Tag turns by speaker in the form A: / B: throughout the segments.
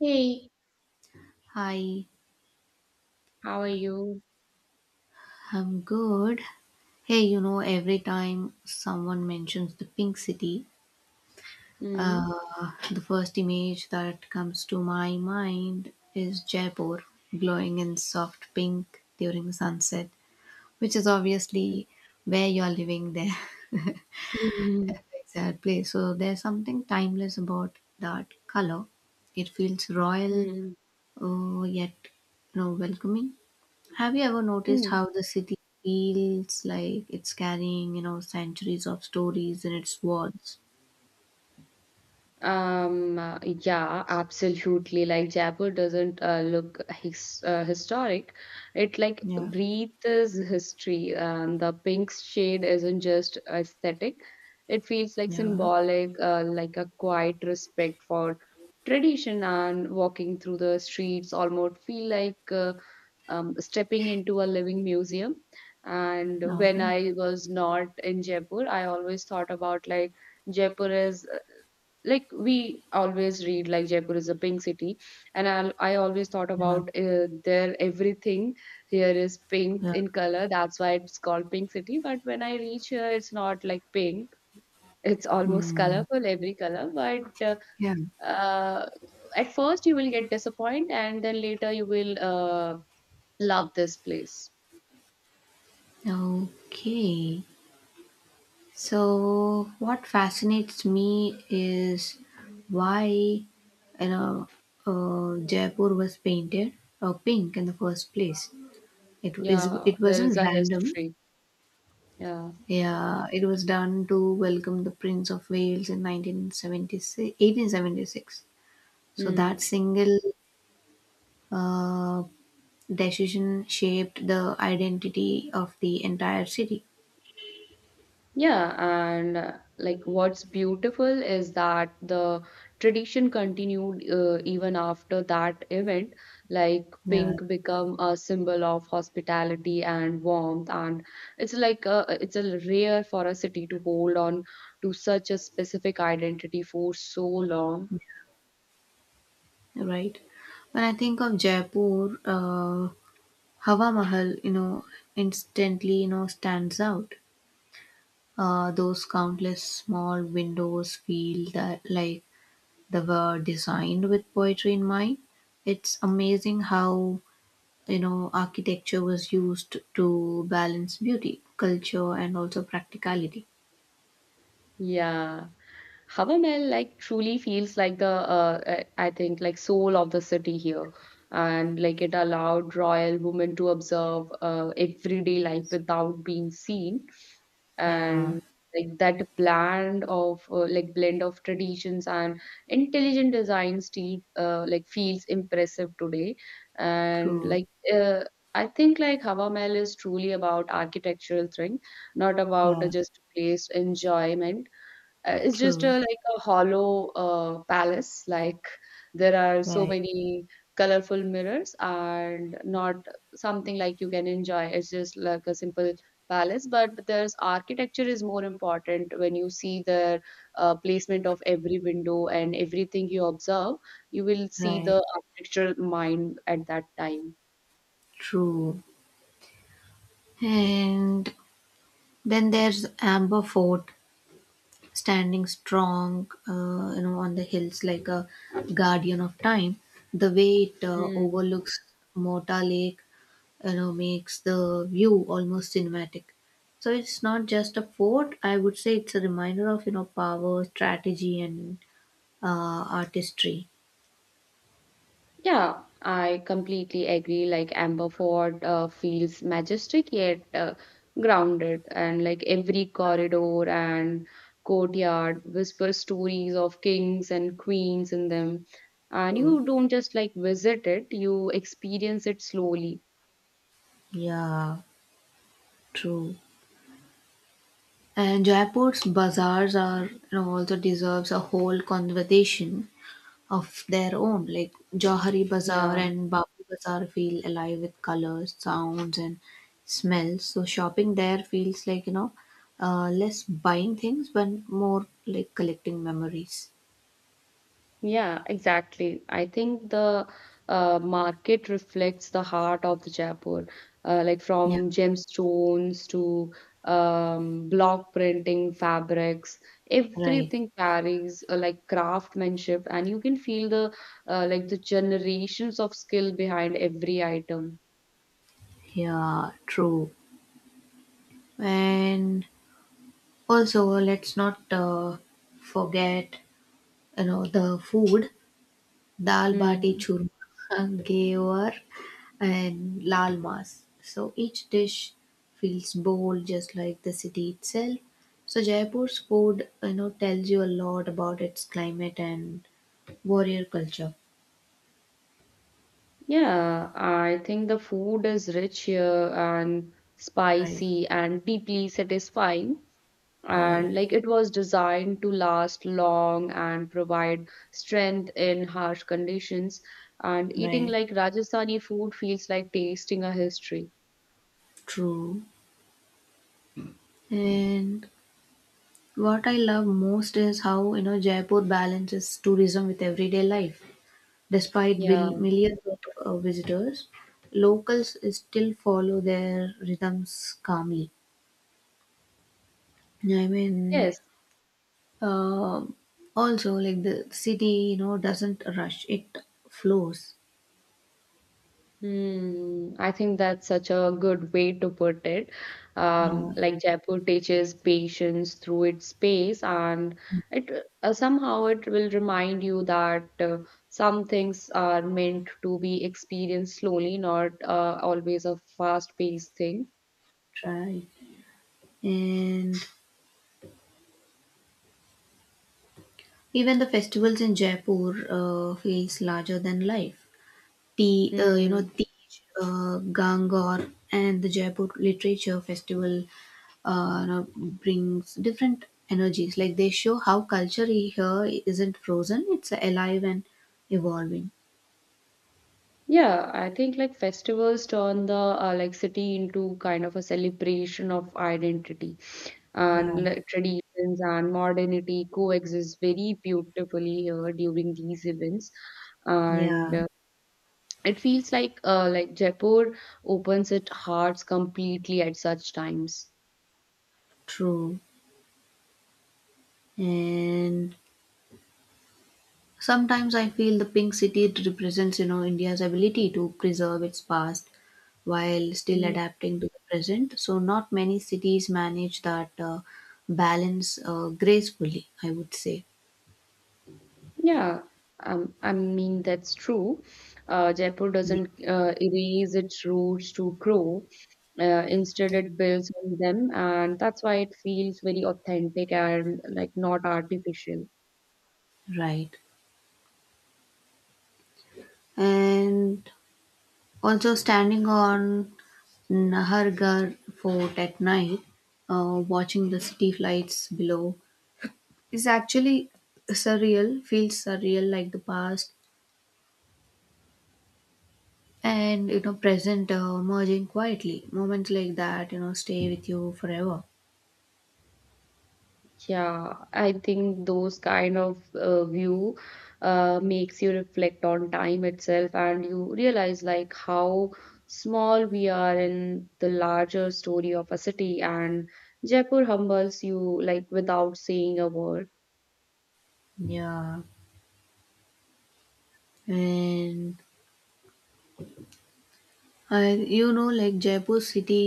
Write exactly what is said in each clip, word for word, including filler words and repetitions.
A: Hey,
B: Hi,
A: how are you?
B: I'm good. Hey, you know, every time someone mentions the Pink City,
A: Mm-hmm.
B: uh, the first image that comes to my mind is Jaipur glowing in soft pink during sunset, which is obviously where you're living there.
A: Mm-hmm.
B: Exactly. So there's something timeless about that color. It feels royal, uh, yet, you know, welcoming. Have you ever noticed
A: Hmm.
B: how the city feels like it's carrying, you know, centuries of stories in its walls?
A: Um, uh, yeah, absolutely. Like Jaipur doesn't uh, look his uh, historic. It like
B: Yeah,
A: breathes history. Um, the pink shade isn't just aesthetic. It feels like
B: yeah,
A: symbolic, uh, like a quiet respect for tradition, and walking through the streets almost feel like uh, um, stepping into a living museum. And when
B: okay,
A: I was not in Jaipur, I always thought about, like, Jaipur is, like, we always read, like, Jaipur is a pink city, and i, I always thought
B: yeah,
A: about, uh, there everything here is pink
B: yeah,
A: in color, that's why it's called pink city. But when I reach here, it's not like pink, it's almost
B: mm,
A: colorful, every color. But uh,
B: yeah.
A: uh, at first you will get disappointed and then later you will uh, love this place.
B: Okay. So, what fascinates me is why, you know, uh, Jaipur was painted uh, pink in the first place. It is
A: Yeah,
B: it
A: there is
B: wasn't
A: a
B: random.
A: history. Yeah.
B: Yeah, it was done to welcome the Prince of Wales in nineteen seventy six, eighteen seventy six. So that
A: Mm.
B: single uh, decision shaped the identity of the entire city.
A: Yeah, and uh, like, what's beautiful is that the tradition continued uh, even after that event. Like
B: Yeah,
A: pink become a symbol of hospitality and warmth, and it's like a, it's a rare for a city to hold on to such a specific identity for so long.
B: right. When I think of Jaipur, uh, Hawa Mahal, you know, instantly, you know, stands out. Uh, those countless small windows feel that like they were designed with poetry in mind. It's amazing how you know architecture was used to balance beauty culture and also practicality.
A: Yeah. Havamal like truly feels like the uh, uh, I think, like, soul of the city here, and like it allowed royal women to observe uh, everyday life without being seen,
B: Yeah,
A: and like that blend of uh, like blend of traditions and intelligent design still uh, like feels impressive today, and
B: true.
A: like uh, I think, like, Havamal is truly about architectural thing, not about uh,
B: Yeah.
A: just place enjoyment. Uh, it's just
B: True.
A: a, like a hollow uh, palace. Like there are so
B: Right.
A: many colorful mirrors and not something like you can enjoy. It's just like a simple palace. But there's architecture is more important when you see the uh, placement of every window and everything you observe. You will see
B: Right.
A: the architectural mind at that time.
B: True. And then there's Amber Fort standing strong, uh, you know, on the hills like a guardian of time. The way it uh,
A: Hmm.
B: overlooks Mota Lake, you know, makes the view almost cinematic. So it's not just a fort, I would say it's a reminder of, you know, power, strategy, and uh, artistry.
A: Yeah, I completely agree. Like Amber Ford uh, feels majestic yet uh, grounded, and like every corridor and courtyard whispers stories of kings and queens in them. And
B: True.
A: you don't just like visit it, you experience it slowly.
B: Yeah, true. And Jaipur's bazaars, are you know, also deserves a whole conversation of their own. Like Johari Bazaar
A: Yeah.
B: and Babu Bazaar feel alive with colors, sounds, and smells. So shopping there feels like, you know, uh, less buying things but more like collecting memories.
A: Yeah, exactly. I think the uh, market reflects the heart of the Jaipur, uh, like
B: Yeah,
A: from gemstones to um, block printing, fabrics,
B: right.
A: everything carries uh, like craftsmanship, and you can feel the uh, like the generations of skill behind every item.
B: Yeah, true. And also, let's not uh, forget, you know, the food. Dal bati
A: Hmm.
B: churma, gayor, and lal mas. So each dish feels bold, just like the city itself. So Jaipur's food, you know, tells you a lot about its climate and warrior culture.
A: Yeah, I think the food is rich here and
B: Right,
A: spicy and deeply satisfying,
B: right,
A: and like it was designed to last long and provide strength in harsh conditions, and eating
B: right.
A: like Rajasthani food feels like tasting a history.
B: True. And what I love most is how you know Jaipur balances tourism with everyday life. Despite
A: Yeah.
B: bil- millions of uh, visitors, locals still follow their rhythms calmly. I mean,
A: Yes.
B: uh, also like the city, you know, doesn't rush; it flows.
A: Hmm, I think that's such a good way to put it. Um,
B: Yeah,
A: like Jaipur teaches patience through its pace, and it uh, somehow it will remind you that uh, some things are meant to be experienced slowly, not uh, always a fast-paced thing.
B: right. And even the festivals in Jaipur uh, feels larger than life. the uh, you know
A: Hmm.
B: Tej uh, Gangor and the Jaipur Literature Festival, uh, you know, brings different energies. Like they show how culture here isn't frozen; it's alive and evolving.
A: Yeah, I think like festivals turn the uh, like city into kind of a celebration of identity,
B: Yeah,
A: and le- traditions and modernity coexist very beautifully here during these events, and
B: yeah.
A: uh, it feels like uh, like Jaipur opens its hearts completely at such times.
B: True. And sometimes I feel the Pink City represents, you know, India's ability to preserve its past while still
A: Mm.
B: adapting to the present. So not many cities manage that uh, balance uh, gracefully, I would say.
A: Yeah, um, I mean, that's true. Uh, jaipur
B: Yeah.
A: doesn't uh, erase its roots to grow, uh, instead it builds on them, and that's why it feels very authentic and like not artificial.
B: Right. And also standing on Nahargarh Fort at night, uh, watching the city lights below is actually surreal, feels surreal, like the past and you know present uh, merging quietly. Moments like that, you know, stay with you forever.
A: Yeah, I think those kind of uh, view uh, makes you reflect on time itself, and you realize like how small we are in the larger story of a city, and Jaipur humbles you like without saying a word.
B: Yeah. And I, you know, like Jaipur city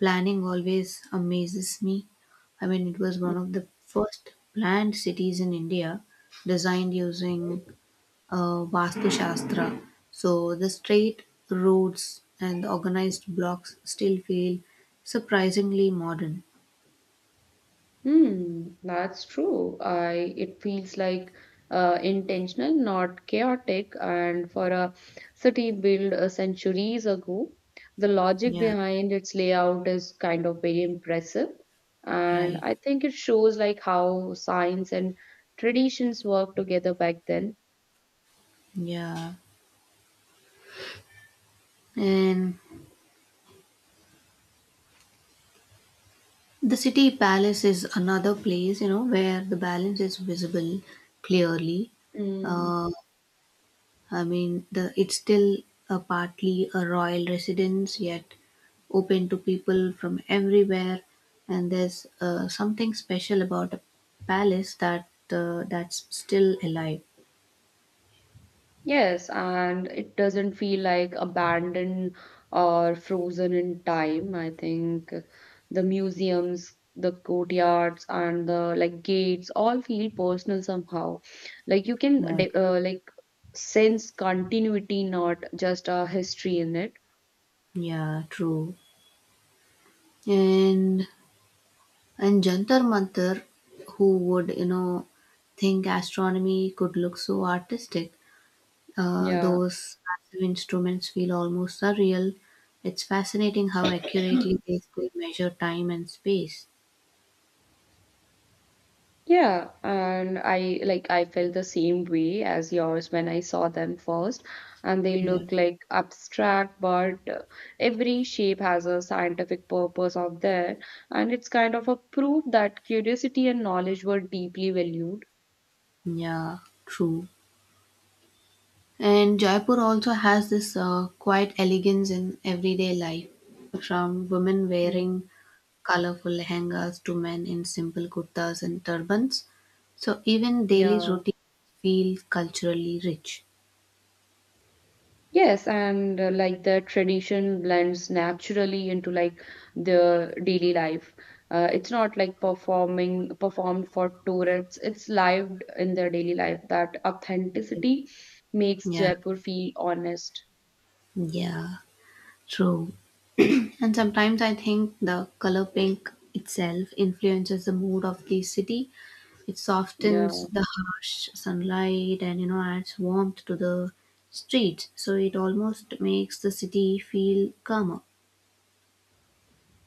B: planning always amazes me. I mean, it was one of the first planned cities in India, designed using uh, vastu shastra. So the straight roads and the organized blocks still feel surprisingly modern.
A: Hmm, that's true. I, it feels like uh, intentional, not chaotic. And for a city built uh, centuries ago, the logic
B: Yeah,
A: behind its layout is kind of very impressive. And
B: right,
A: I think it shows like how science and traditions worked together back then.
B: yeah. And the City Palace is another place, you know, where the balance is visible clearly.
A: Mm.
B: Uh, I mean, the it's still a partly a royal residence, yet open to people from everywhere. And there's uh, something special about a palace that uh, that's still alive.
A: Yes, and it doesn't feel like abandoned or frozen in time. I think the museums, the courtyards, and the like gates all feel personal somehow. Like you can
B: Yeah,
A: de- uh, like sense continuity, not just a history in it.
B: yeah, true. And and Jantar Mantar, who would, you know, think astronomy could look so artistic? Uh,
A: Yeah.
B: those massive instruments feel almost surreal. It's fascinating how accurately they could measure time and space.
A: Yeah, and I like I felt the same way as yours when I saw them first, and they
B: Yeah,
A: look like abstract, but uh, every shape has a scientific purpose out there, and it's kind of a proof that curiosity and knowledge were deeply valued.
B: yeah, true. And Jaipur also has this uh, quiet elegance in everyday life, from women wearing
A: Mm.
B: colorful lehengas to men in simple kurtas and turbans. So even daily
A: Yeah.
B: routines feel culturally rich.
A: Yes, and uh, like the tradition blends naturally into like the daily life. Uh, it's not like performing performed for tourists. It's lived in their daily life. That authenticity makes
B: Yeah,
A: Jaipur feel honest.
B: yeah, true. And sometimes I think the color pink itself influences the mood of the city. It
A: Yeah,
B: softens the harsh sunlight and you know adds warmth to the streets. So it almost makes the city feel calmer.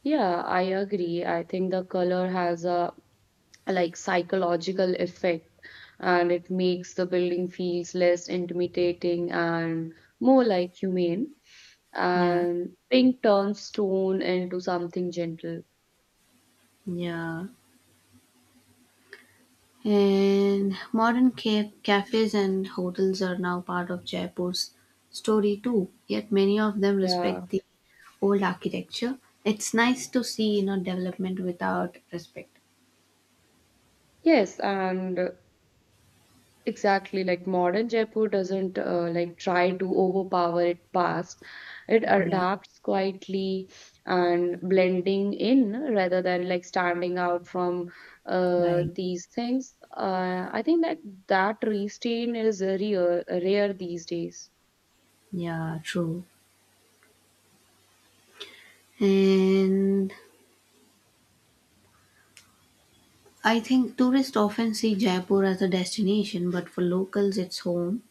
A: yeah, I agree. I think the color has a like psychological effect, and it makes the building feels less intimidating and more like humane,
B: Yeah,
A: and pink turns stone into something gentle.
B: yeah. And modern ca- cafes and hotels are now part of Jaipur's story too. Yet many of them
A: Yeah.
B: respect the old architecture. It's nice to see, you know, development without respect.
A: Yes, and exactly, like modern Jaipur doesn't uh, like try to overpower its past. It
B: Yeah.
A: adapts quietly and blending in rather than like standing out from uh,
B: Right.
A: these things. Uh, I think that that restraint is rare, rare these days.
B: Yeah, true. And I think tourists often see Jaipur as a destination, but for locals, it's home.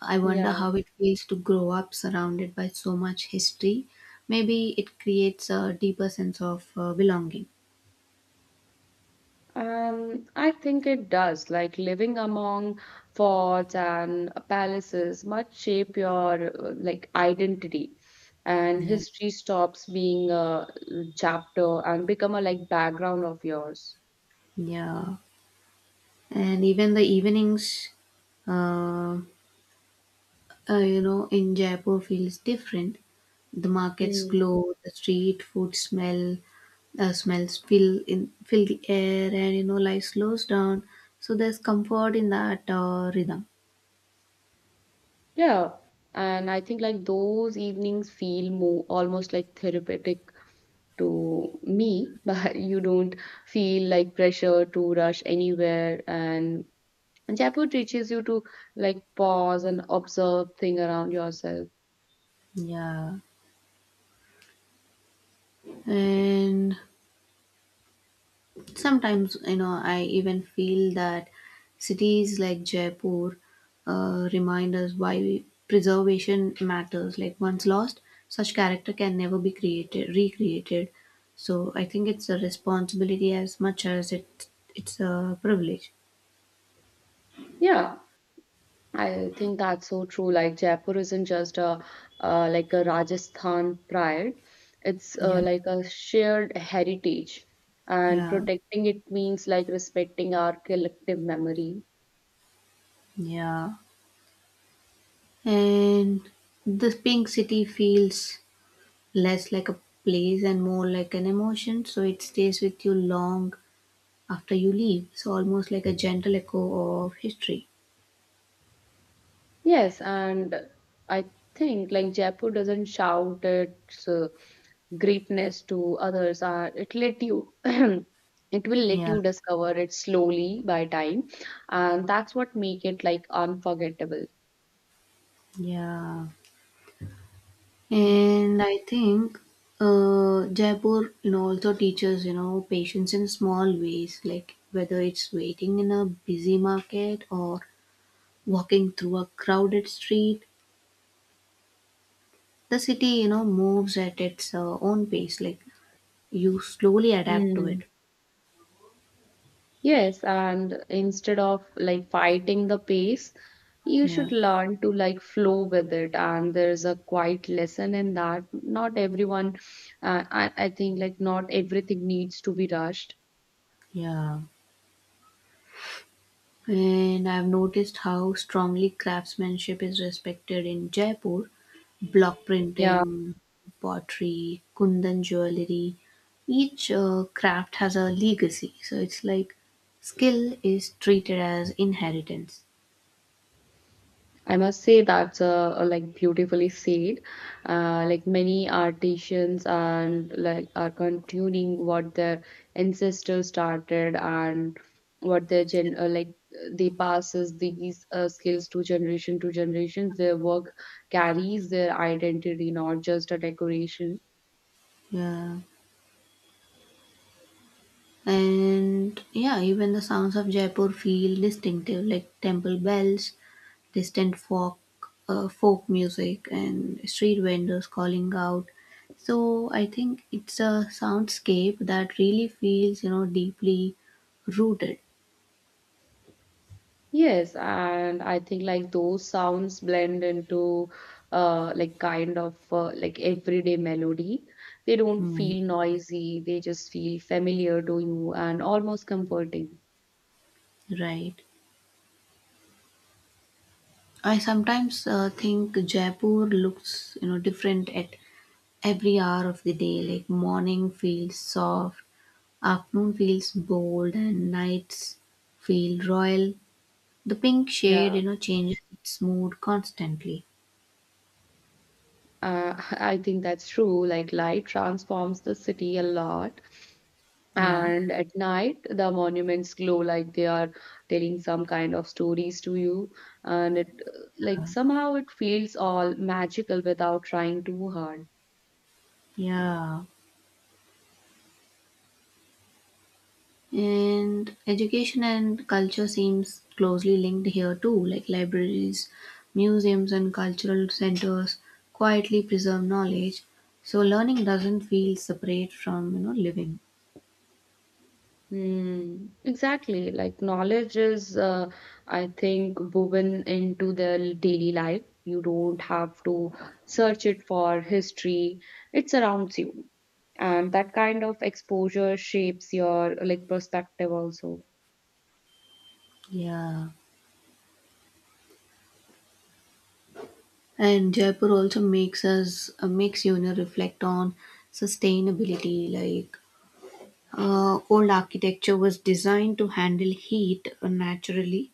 B: I wonder
A: Yeah.
B: how it feels to grow up surrounded by so much history. Maybe it creates a deeper sense of uh, belonging.
A: Um, I think it does. Like living among forts and palaces much shape your uh, like identity, and
B: Yeah.
A: history stops being a chapter and become a like background of yours.
B: Yeah. And even the evenings, uh, uh, you know, in Jaipur feels different. The markets
A: Mm.
B: glow, the street food smell, uh, smells fill in fill the air, and you know life slows down. So there's comfort in that uh, rhythm.
A: Yeah, and I think like those evenings feel more almost like therapeutic to me, but you don't feel like pressure to rush anywhere. and And Jaipur teaches you to like pause and observe thing around yourself.
B: Yeah. And sometimes, you know, I even feel that cities like Jaipur uh, remind us why preservation matters. Like once lost, such character can never be created, recreated. So I think it's a responsibility as much as it it's a privilege.
A: Yeah, I think that's so true. Like Jaipur isn't just a uh, like a Rajasthan pride; it's uh,
B: Yeah,
A: like a shared heritage, and
B: yeah,
A: protecting it means like respecting our collective memory.
B: yeah. And the pink city feels less like a place and more like an emotion, so it stays with you long after you leave. So almost like a gentle echo of history.
A: Yes, and I think like Jaipur doesn't shout its uh, greatness to others. Uh, it let you, it will let
B: Yeah,
A: you discover it slowly by time, and that's what make it like unforgettable.
B: yeah. And I think uh, Jaipur, you know, also teaches you know patience in small ways, like whether it's waiting in a busy market or walking through a crowded street. The city, you know, moves at its uh, own pace. Like you slowly adapt to
A: Mm.
B: it.
A: Yes, and instead of like fighting the pace, you
B: Yeah,
A: should learn to like flow with it. And there's a quiet lesson in that. Not everyone, uh, I, I think like not everything needs to be rushed.
B: yeah. And I've noticed how strongly craftsmanship is respected in Jaipur: block
A: Yeah.
B: printing, pottery, Kundan jewelry. Each uh, craft has a legacy. So it's like skill is treated as inheritance.
A: I must say that's uh, uh, like beautifully said. Uh, like many artisans and like are continuing what their ancestors started, and what their gen uh, like uh, they passes these uh, skills to generation to generation. Their work carries their identity, not just a decoration.
B: Yeah. And yeah, even the sounds of Jaipur feel distinctive, like temple bells, distant folk uh, folk music, and street vendors calling out. So I think it's a soundscape that really feels, you know, deeply rooted.
A: Yes, and I think like those sounds blend into uh like kind of uh, like everyday melody. They don't
B: Hmm.
A: feel noisy, they just feel familiar to you and almost comforting.
B: Right. I sometimes uh, think Jaipur looks, you know, different at every hour of the day. Like morning feels soft, afternoon feels bold, and nights feel royal. The pink shade,
A: Yeah,
B: you know, changes its mood constantly.
A: uh, I think that's true. Like light transforms the city a lot.
B: Yeah.
A: And at night, the monuments glow like they are telling some kind of stories to you. And it uh, like somehow it feels all magical without trying too hard.
B: Yeah, and education and culture seems closely linked here too, like libraries, museums, and cultural centers quietly preserve knowledge, so learning doesn't feel separate from you know living.
A: Mm, exactly. Like knowledge is, uh, I think, woven into the daily life. You don't have to search it for history. It surrounds you. And that kind of exposure shapes your like perspective also.
B: Yeah, and Jaipur also makes us uh, makes you, you know, reflect on sustainability, like uh, old architecture was designed to handle heat uh, naturally: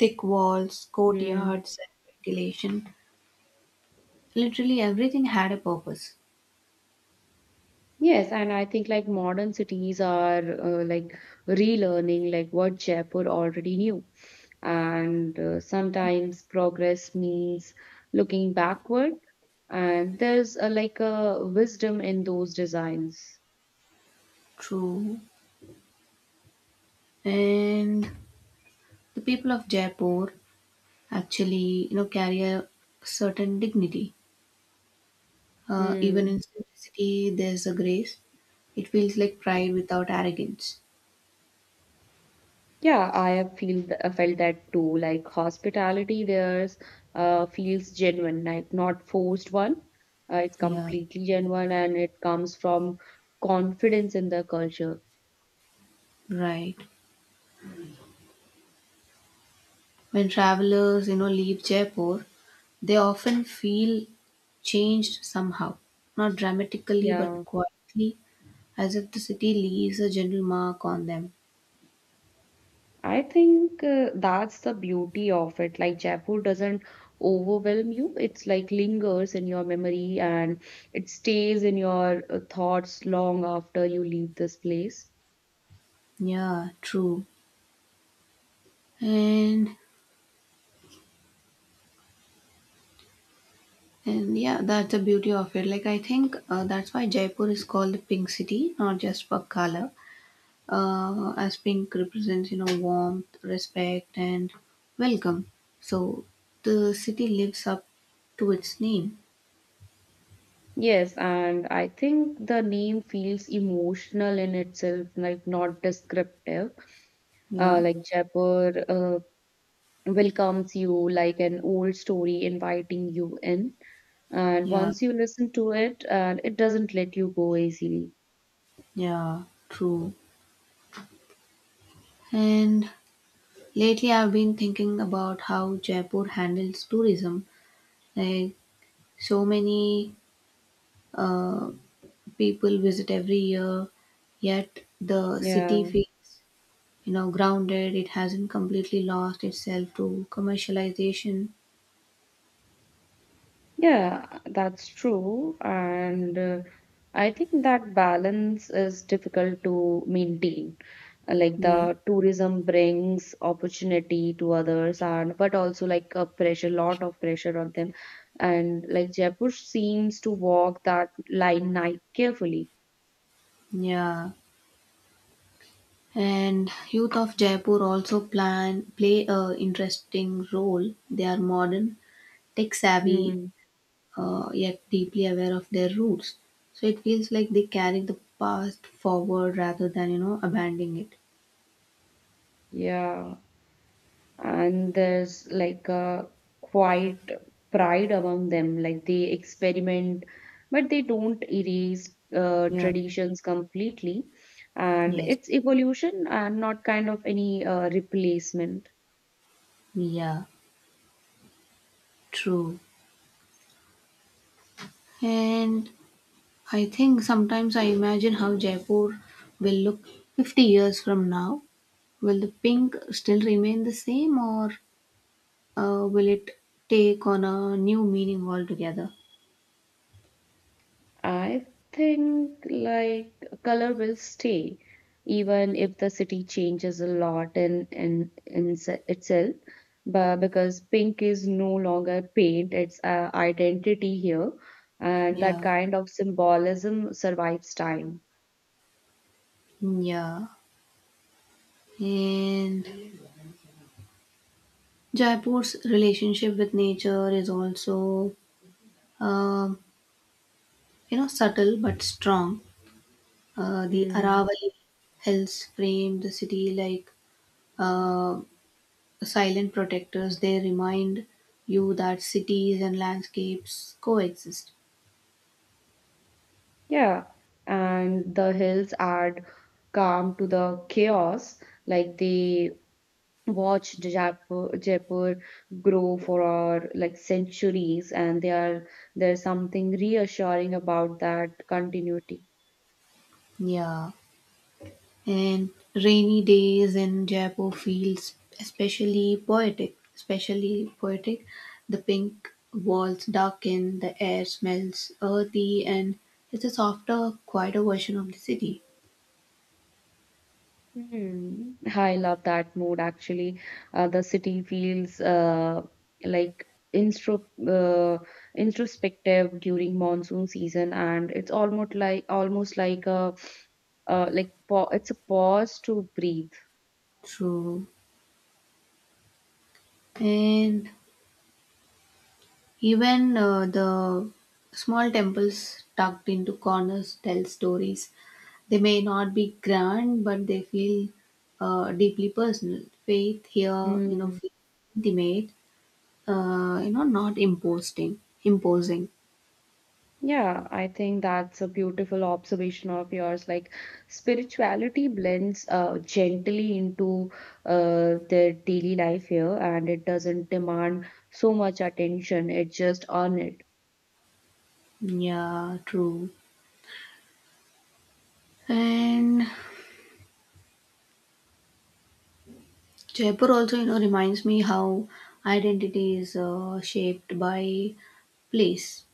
B: thick walls,
A: Hmm.
B: courtyards, and ventilation. Literally everything had a purpose.
A: Yes, and I think like modern cities are uh, like relearning like what Jaipur already knew. And uh, sometimes progress means looking backward, and there's a, like a wisdom in those designs.
B: True. And the people of Jaipur actually, you know, carry a certain dignity. Uh, even
A: Hmm.
B: in simplicity, there's a grace. It feels like pride without arrogance.
A: Yeah, I have feel th- I felt that too. Like hospitality there's uh, feels genuine, like not forced one. Uh, it's
B: Yeah.
A: completely genuine, and it comes from confidence in the culture.
B: Right. When travelers, you know, leave Jaipur, they often feel changed somehow. Not dramatically,
A: Yeah.
B: but quietly, as if the city leaves a gentle mark on them.
A: I think uh, that's the beauty of it. Like Jaipur doesn't overwhelm you. It's like lingers in your memory, and it stays in your uh, thoughts long after you leave this place.
B: Yeah. True. And And yeah, that's the beauty of it. Like, I think uh, that's why Jaipur is called the Pink City, not just for color, uh, as pink represents, you know, warmth, respect, and welcome. So the city lives up to its name.
A: Yes, and I think the name feels emotional in itself, like not descriptive. Uh,
B: Yeah,
A: like Jaipur uh, welcomes you like an old story inviting you in. And
B: yeah,
A: once you listen to it, and it doesn't let you go easily.
B: yeah, true. And lately, I've been thinking about how Jaipur handles tourism. Like, so many uh, people visit every year, yet the city
A: Yeah.
B: feels, you know, grounded. It hasn't completely lost itself to commercialization.
A: Yeah, that's true. And uh, I think that balance is difficult to maintain. Uh, Like
B: Yeah,
A: the tourism brings opportunity to others and but also like a pressure, lot of pressure on them. And like Jaipur seems to walk that line night carefully.
B: yeah. And youth of Jaipur also plan play a interesting role. They are modern, tech savvy,
A: Hmm.
B: uh, yet deeply aware of their roots. So it feels like they carry the past forward rather than, you know, abandoning it.
A: Yeah. And there's like a quiet pride among them, like they experiment but they don't erase uh,
B: Yeah.
A: traditions completely, and
B: Yes,
A: it's evolution and not kind of any uh, replacement.
B: yeah, true. And I think sometimes I imagine how Jaipur will look fifty years from now. Will the pink still remain the same or uh, will it take on a new meaning altogether?
A: I think like color will stay even if the city changes a lot in in, in se- itself, but because pink is no longer paint, it's uh, identity here, and that
B: Yeah,
A: kind of symbolism survives time.
B: mm, yeah. And Jaipur's relationship with nature is also, um, you know, subtle but strong. Uh, the
A: Mm,
B: Aravalli hills frame the city like uh, silent protectors. They remind you that cities and landscapes coexist.
A: yeah, and the hills add calm to the chaos, like they watch Ja- Jaipur, Jaipur grow for our like centuries, and they are, there's something reassuring about that continuity.
B: Yeah. And rainy days in Jaipur feels especially poetic, especially poetic. The pink walls darken, the air smells earthy, and it's a softer, quieter version of the city.
A: Hmm. I love that mood actually. Uh, the city feels uh, like instro uh, introspective during monsoon season, and it's almost like almost like a uh, like pa- it's a pause to breathe.
B: True. And even uh, the small temples tucked into corners tell stories. They may not be grand, but they feel uh, deeply personal. Faith here, you know, feels intimate, uh, you know, not imposing. imposing.
A: Yeah, I think that's a beautiful observation of yours. Like spirituality blends uh, gently into uh, their daily life here, and it doesn't demand so much attention. It just on it.
B: Yeah, true. And Jaipur also, you know, reminds me how identity is uh, shaped by place.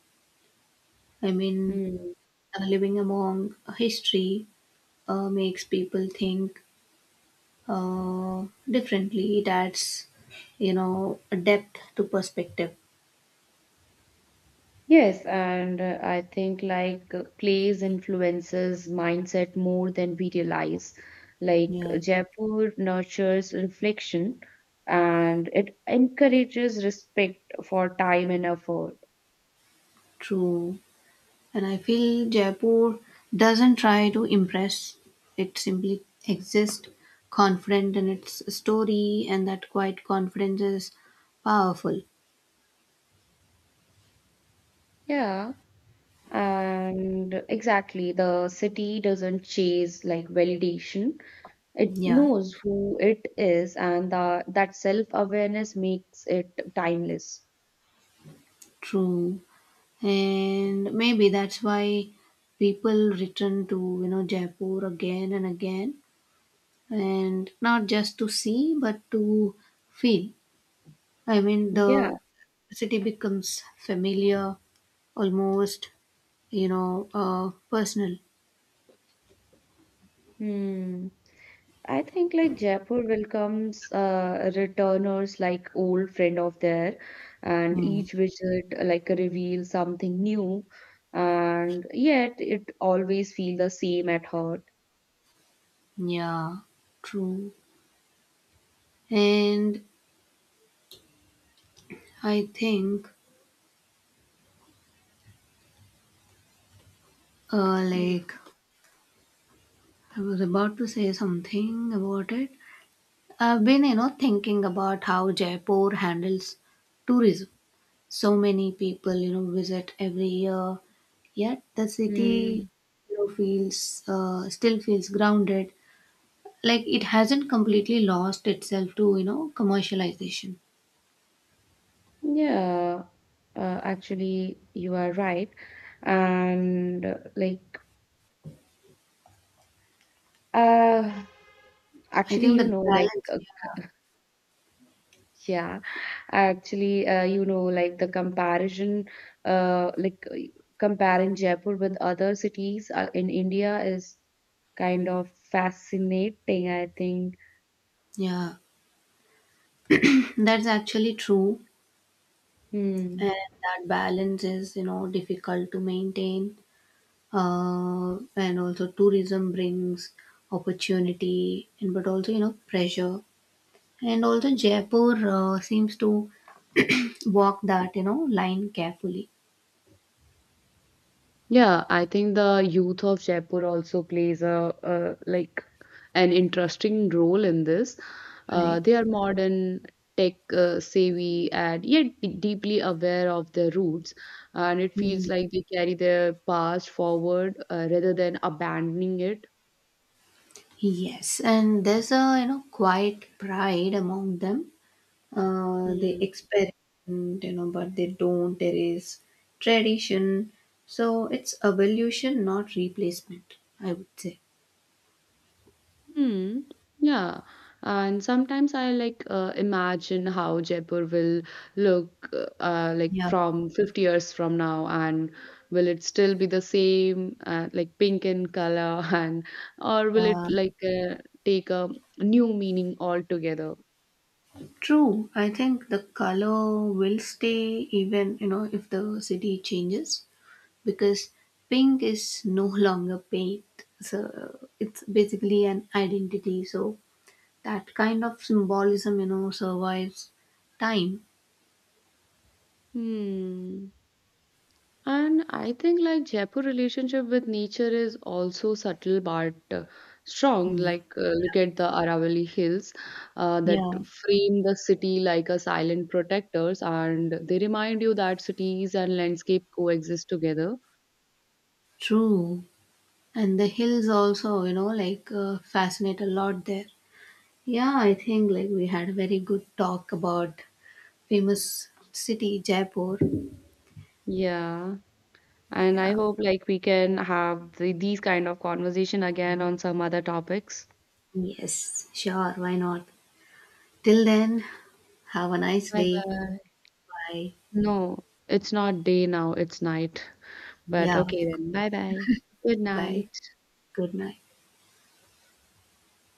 B: I mean,
A: Hmm.
B: uh, living among history uh, makes people think uh, differently. It adds, you know, a depth to perspective.
A: Yes, and uh, I think like uh, plays influences mindset more than we realize. Like
B: Yeah,
A: Jaipur nurtures reflection, and it encourages respect for time and effort.
B: true. And I feel Jaipur doesn't try to impress, it simply exists, confident in its story, and that quiet confidence is powerful.
A: Yeah. And exactly, the city doesn't chase like validation. It
B: Yeah,
A: knows who it is, and the, that self-awareness makes it timeless.
B: true. And maybe that's why people return to, you know, Jaipur again and again, and not just to see but to feel. I mean,
A: Yeah.
B: the city becomes familiar, almost, you know, uh, personal.
A: Hmm. I think like Jaipur welcomes uh, returners like old friend of there, and
B: Hmm.
A: each visit uh, like reveals something new, and yet it always feel the same at heart.
B: Yeah, true. And I think, uh, like, I was about to say something about it. I've been, you know, thinking about how Jaipur handles tourism. So many people, you know, visit every year, yet the city,
A: Mm.
B: you know, feels, uh, still feels grounded. Like, it hasn't completely lost itself to, you know, commercialization.
A: Yeah, uh, actually, you are right. And uh, like, uh,
B: I
A: actually,
B: think
A: you
B: that
A: know, like,
B: balance,
A: uh, yeah, actually, uh, you know, like the comparison, uh, like uh, comparing Jaipur with other cities uh, in India is kind of fascinating, I think.
B: yeah, yeah. That's actually true,
A: Hmm.
B: and that balance is, you know, difficult to maintain. Uh, and also, tourism brings opportunity, and but also, you know, pressure. And also, Jaipur uh, seems to walk that, you know, line carefully,
A: Yeah, I think the youth of Jaipur also plays a, uh like an interesting role in this. Uh,
B: right?
A: they are modern, tech uh, savvy, and yet d- deeply aware of their roots. And it
B: Mm.
A: feels like they carry their past forward uh, rather than abandoning it.
B: Yes, and there's a, you know, quiet pride among them. Uh, they experiment, you know, but they don't erase tradition. So it's evolution, not replacement, I would say.
A: Hmm. Yeah. And sometimes I like uh, imagine how Jaipur will look uh, like
B: Yeah.
A: from fifty years from now, and will it still be the same, uh, like pink in color, and or will it
B: Uh,
A: like uh, take a new meaning altogether?
B: true. I think the color will stay even, you know, if the city changes, because pink is no longer paint. So it's basically an identity. So that kind of symbolism, you know, survives time.
A: Hmm. And I think like Jaipur relationship with nature is also subtle but uh, strong.
B: Hmm.
A: Like uh, look at the Aravalli Hills uh, that
B: Yeah,
A: frame the city like a silent protectors, and they remind you that cities and landscape coexist together.
B: true. And the hills also, you know, like uh, fascinate a lot there. Yeah, I think like we had a very good talk about famous city Jaipur.
A: Yeah, and I
B: Yeah.
A: hope like we can have the, these kind of conversation again on some other topics.
B: Yes, sure, why not. Till then, have a nice
A: Bye
B: day.
A: bye.
B: Bye.
A: No, it's not day now, it's night. But
B: Yeah,
A: okay then. Bye bye. Good
B: bye.
A: night.
B: Good night.